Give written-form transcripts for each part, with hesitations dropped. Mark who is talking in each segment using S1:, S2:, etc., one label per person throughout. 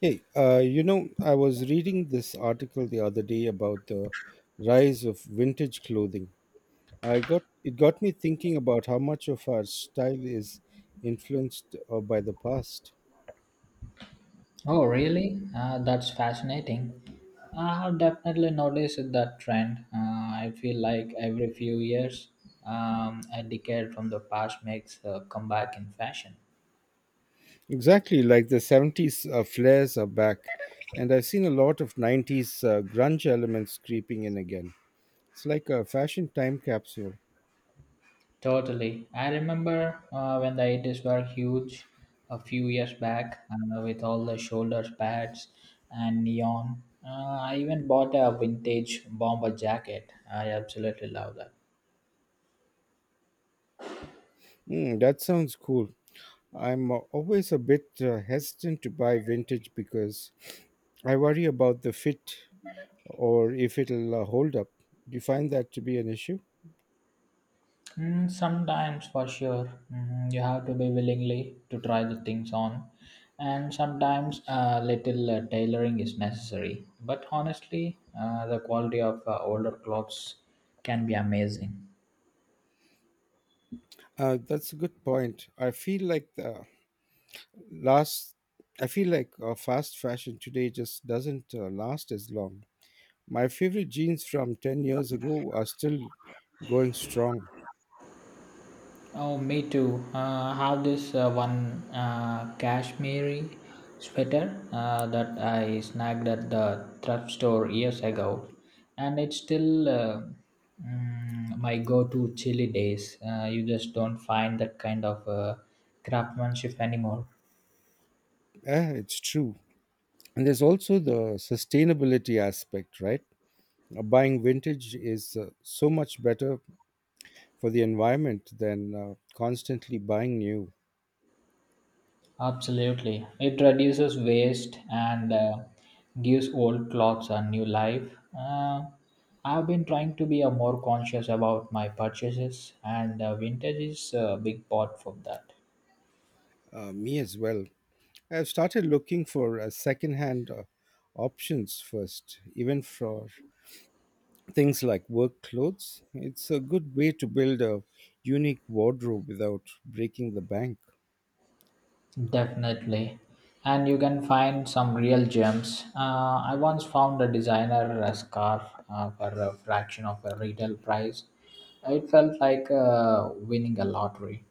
S1: Hey, you know, I was reading this article the other day about the rise of vintage clothing. I got it got me thinking about how much of our style is influenced by the past.
S2: Oh, really? That's fascinating. I have definitely noticed that trend. I feel like every few years, a decade from the past makes a comeback in fashion.
S1: Exactly, like the 70s flares are back, and I've seen a lot of 90s grunge elements creeping in again. It's like a fashion time capsule.
S2: Totally. I remember when the 80s were huge a few years back with all the shoulder pads and neon. I even bought a vintage bomber jacket. I absolutely love that.
S1: Hmm, that sounds cool. I'm always a bit hesitant to buy vintage because I worry about the fit or if it'll hold up. Do you find that to be an issue?
S2: Mm, sometimes, for sure, mm, you have to be willingly to try the things on, and sometimes a little tailoring is necessary. But honestly, the quality of older clothes can be amazing.
S1: That's a good point. Last, I feel like fast fashion today just doesn't last as long. My favorite jeans from 10 years ago are still going strong.
S2: Oh, me too. I have this one cashmere sweater that I snagged at the thrift store years ago, and it's still my go-to chilly days. You just don't find that kind of craftsmanship anymore.
S1: Yeah, it's true. And there's also the sustainability aspect, right? Buying vintage is so much better for the environment than constantly buying new.
S2: Absolutely. It reduces waste and gives old clothes a new life. Uh, I've been trying to be a more conscious about my purchases, and vintage is a big part for that.
S1: Me as well. I've started looking for secondhand options first, even for things like work clothes. It's a good way to build a unique wardrobe without breaking the bank.
S2: Definitely. And you can find some real gems. I once found a designer scarf for a fraction of a retail price. It felt like winning a lottery.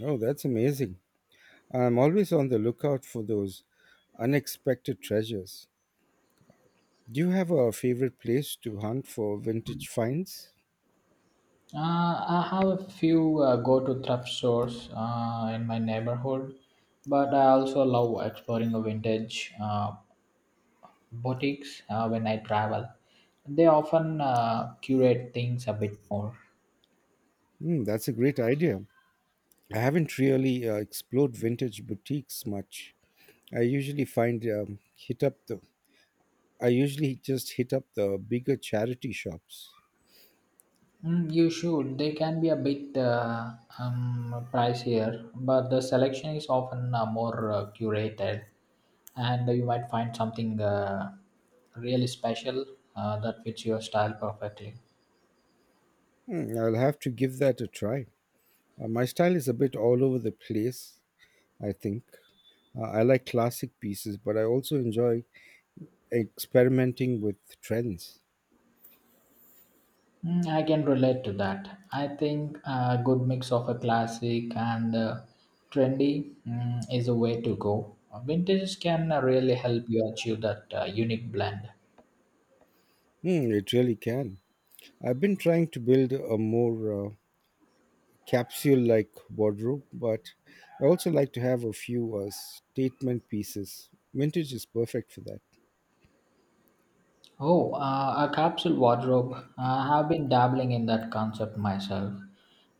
S1: Oh, that's amazing. I'm always on the lookout for those unexpected treasures. Do you have a favorite place to hunt for vintage finds?
S2: Uh, I have a few go-to thrift stores in my neighborhood, but I also love exploring the vintage boutiques when I travel. They often curate things a bit more.
S1: Hmm, that's a great idea. I haven't really explored vintage boutiques much. I usually find um, hit up the I usually just hit up the bigger charity shops.
S2: Mm, you should. They can be a bit pricier, but the selection is often more curated, and you might find something really special that fits your style perfectly.
S1: Hmm, I'll have to give that a try. My style is a bit all over the place, I think. I like classic pieces, but I also enjoy experimenting with trends.
S2: Mm, I can relate to that. I think a good mix of a classic and trendy mm, is a way to go. Vintage can really help you achieve that unique blend.
S1: Hmm, it really can. I've been trying to build a more capsule like wardrobe, but I also like to have a few statement pieces. Vintage is perfect for that.
S2: Oh, a capsule wardrobe. I have been dabbling in that concept myself.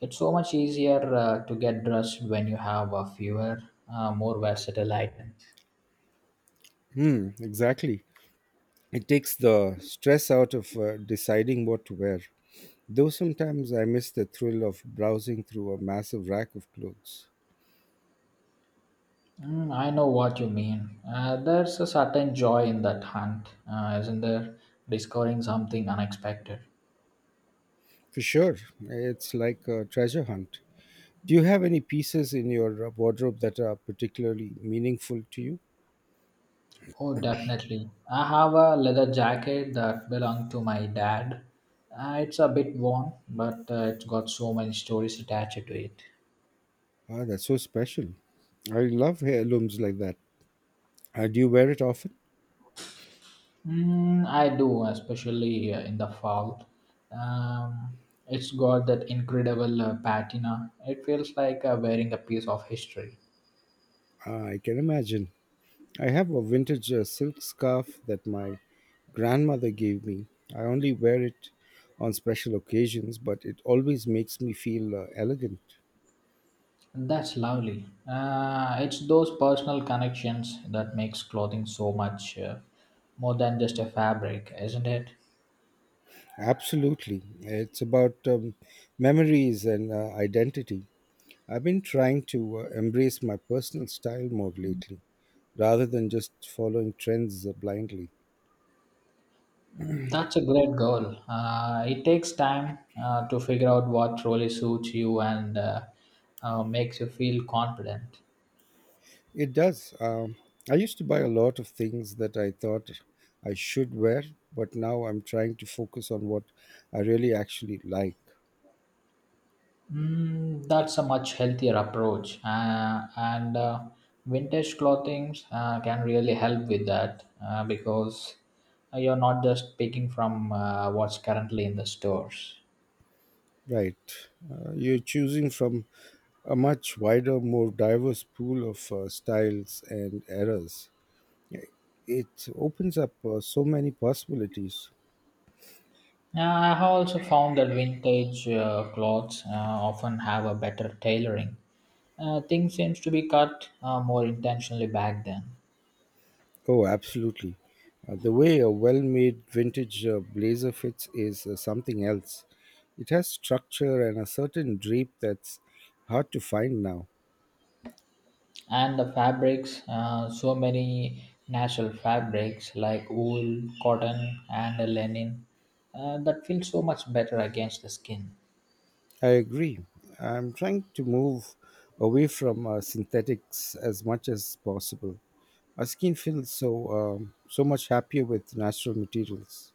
S2: It's so much easier to get dressed when you have a fewer, more versatile items.
S1: Hmm, exactly. It takes the stress out of deciding what to wear. Though sometimes I miss the thrill of browsing through a massive rack of clothes.
S2: Mm, I know what you mean. There's a certain joy in that hunt, isn't there? Discovering something unexpected.
S1: For sure, it's like a treasure hunt. Do you have any pieces in your wardrobe that are particularly meaningful to you?
S2: Oh, definitely. I have a leather jacket that belonged to my dad. It's a bit worn, but it's got so many stories attached to it.
S1: Ah, that's so special. I love heirlooms like that. Do you wear it often?
S2: Mm, I do, especially in the fall. Um, it's got that incredible patina. It feels like wearing a piece of history.
S1: Ah, I can imagine. I have a vintage silk scarf that my grandmother gave me. I only wear it on special occasions, but it always makes me feel elegant.
S2: That's lovely. It's those personal connections that makes clothing so much more than just a fabric, isn't it?
S1: Absolutely. It's about memories and identity. I've been trying to embrace my personal style more lately rather than just following trends blindly.
S2: Mm, that's a great goal. It takes time to figure out what really suits you and makes you feel confident.
S1: It does. I used to buy a lot of things that I thought I should wear, but now I'm trying to focus on what I really actually like.
S2: Mm, that's a much healthier approach, and vintage clothing can really help with that because you're not just picking from what's currently in the stores.
S1: Right. You're choosing from a much wider, more diverse pool of styles and eras. It opens up so many possibilities.
S2: I have also found that vintage clothes often have a better tailoring. Things seems to be cut more intentionally back then.
S1: Oh, absolutely. The way a well made vintage blazer fits is something else. It has structure and a certain drape that's hard to find now.
S2: And the fabrics so many natural fabrics like wool cotton and linen that feel so much better against the skin.
S1: I agree. I'm trying to move away from synthetics as much as possible. Our skin feels so so much happier with natural materials.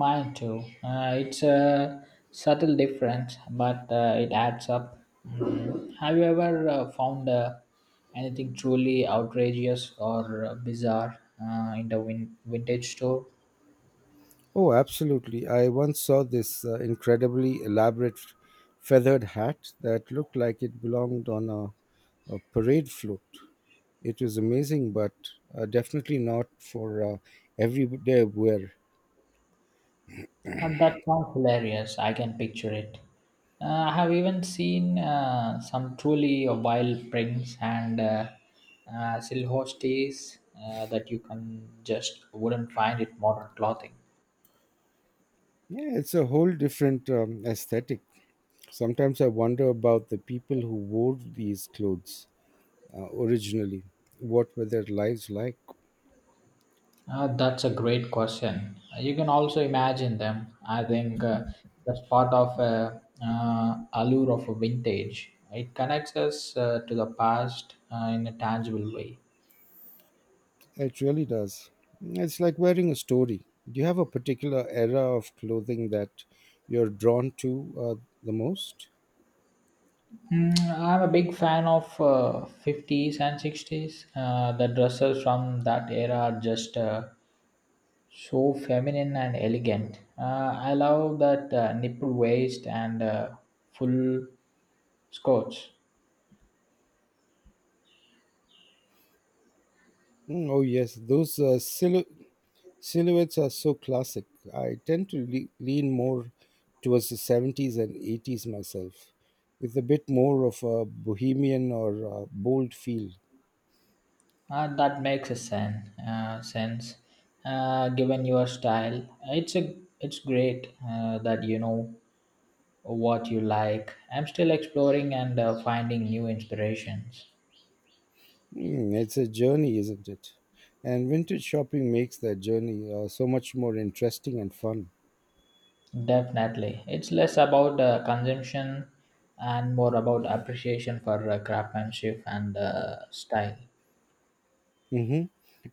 S2: Mine too, it's a subtle difference but it adds up. Mm, have you ever found anything truly outrageous or bizarre in the vintage store?
S1: Oh, absolutely. I once saw this incredibly elaborate feathered hat that looked like it belonged on a parade float. It was amazing, but definitely not for everyday wear.
S2: And that sounds hilarious. I can picture it. I have even seen some truly wild prints and silhouettes that you can just wouldn't find in modern clothing.
S1: Yeah, it's a whole different aesthetic. Sometimes I wonder about the people who wore these clothes originally. What were their lives like?
S2: That's a great question. You can also imagine them. I think that's part of allure of a vintage. It connects us to the past in a tangible way.
S1: It really does. It's like wearing a story. Do you have a particular era of clothing that you're drawn to the most?
S2: Mm, I'm a big fan of 50s and 60s. The dresses from that era are just so feminine and elegant. I love that nipple waist and full skirts.
S1: Mm, oh, yes, those silhouettes are so classic. I tend to lean more towards the 70s and 80s myself, with a bit more of a bohemian or bold feel.
S2: That makes a sense given your style. It's a it's great that you know what you like. I'm still exploring and finding new inspirations.
S1: Mm, it's a journey, isn't it? And vintage shopping makes that journey so much more interesting and fun.
S2: Definitely. It's less about consumption and more about appreciation for craftsmanship and style.
S1: Hmm.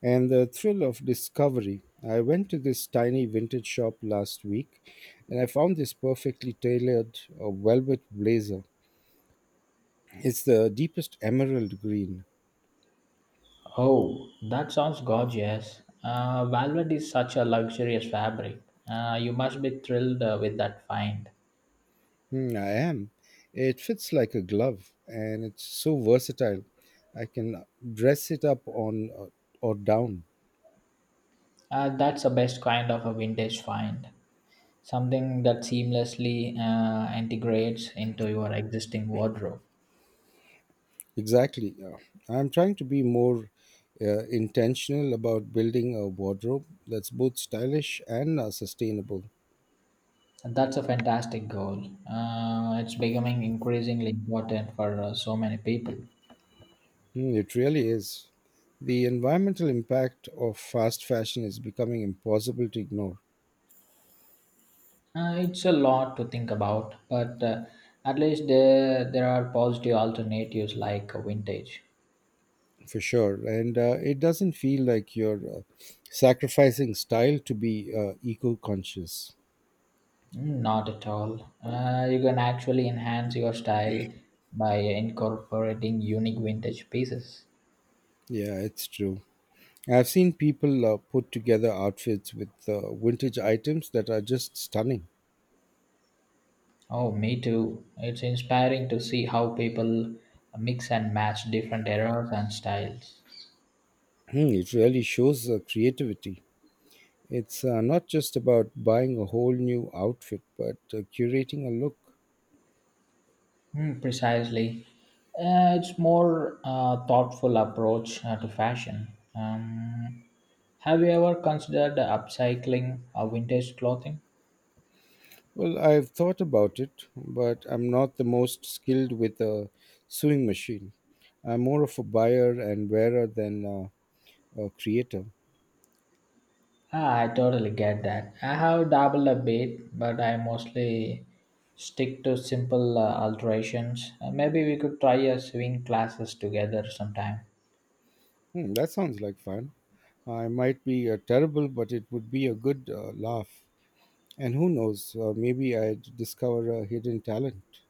S1: And the thrill of discovery. I went to this tiny vintage shop last week and I found this perfectly tailored velvet blazer. It's the deepest emerald green.
S2: Oh, that sounds gorgeous. Velvet is such a luxurious fabric. You must be thrilled with that find.
S1: Hmm, I am. It fits like a glove and it's so versatile. I can dress it up on or down.
S2: That's the best kind of a vintage find. Something that seamlessly integrates into your existing wardrobe.
S1: Exactly. I'm trying to be more intentional about building a wardrobe that's both stylish and sustainable.
S2: And that's a fantastic goal. It's becoming increasingly important for so many people.
S1: Mm, it really is. The environmental impact of fast fashion is becoming impossible to ignore,
S2: It's a lot to think about, but at least there are positive alternatives like vintage.
S1: for sure. And it doesn't feel like you're sacrificing style to be eco conscious.
S2: Mm, not at all. You can actually enhance your style by incorporating unique vintage pieces.
S1: Yeah, it's true. I've seen people put together outfits with vintage items that are just stunning.
S2: Oh, me too. It's inspiring to see how people mix and match different eras and styles.
S1: Hmm, it really shows creativity. It's not just about buying a whole new outfit, but curating a look.
S2: Mm, precisely. It's more thoughtful approach to fashion. Um, have you ever considered upcycling vintage clothing?
S1: Well, I've thought about it, but I'm not the most skilled with a sewing machine. I'm more of a buyer and wearer than a creator.
S2: Ah, I totally get that. I have dabbled a bit, but I mostly stick to simple alterations. Maybe we could try a sewing classes together sometime.
S1: Hmm, that sounds like fun. I might be terrible, but it would be a good laugh. And who knows, maybe I'd discover a hidden talent.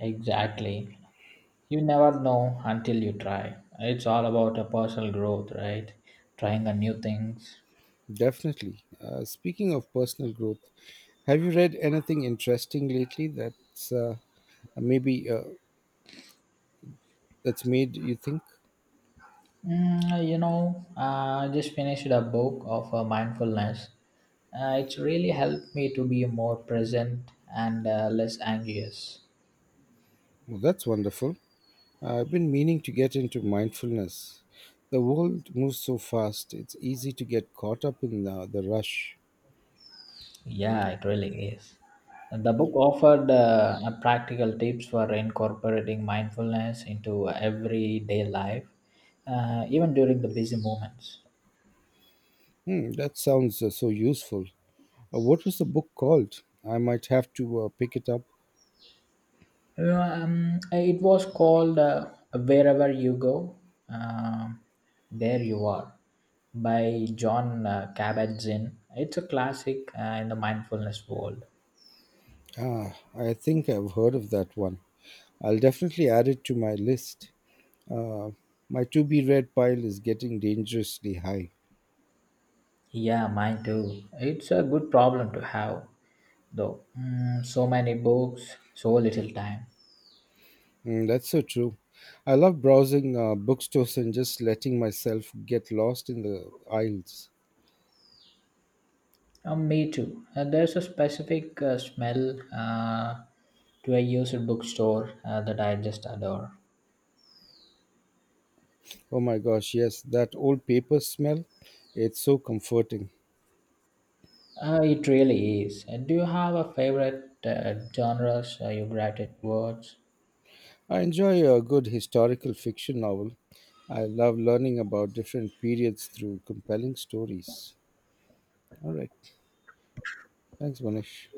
S2: Exactly. You never know until you try. It's all about a personal growth, right? Trying a new things.
S1: Definitely. Speaking of personal growth, have you read anything interesting lately maybe uh, that's made you think?
S2: Mm, you know, I just finished a book of mindfulness. It's really helped me to be more present and less anxious.
S1: Well, that's wonderful. I've been meaning to get into mindfulness. The world moves so fast, it's easy to get caught up in the rush.
S2: Yeah, it really is. And the book offered practical tips for incorporating mindfulness into everyday life, even during the busy moments.
S1: Hmm, that sounds so useful. What was the book called? I might have to pick it up.
S2: It was called Wherever You Go, um, There You Are by John Kabat Zinn. It's a classic in the mindfulness world.
S1: Ah, I think I've heard of that one. I'll definitely add it to my list. Uh, my to be read pile is getting dangerously high.
S2: Yeah, mine too. It's a good problem to have, though. Mm, so many books, so little time.
S1: Mm, that's so true. I love browsing bookstores and just letting myself get lost in the aisles.
S2: Me too. There's a specific smell to a used bookstore that I just adore.
S1: Oh my gosh, yes, that old paper smell. It's so comforting.
S2: It really is. And do you have a favorite genres you gravitate towards?
S1: I enjoy a good historical fiction novel. I love learning about different periods through compelling stories. All right. Thanks, Manish.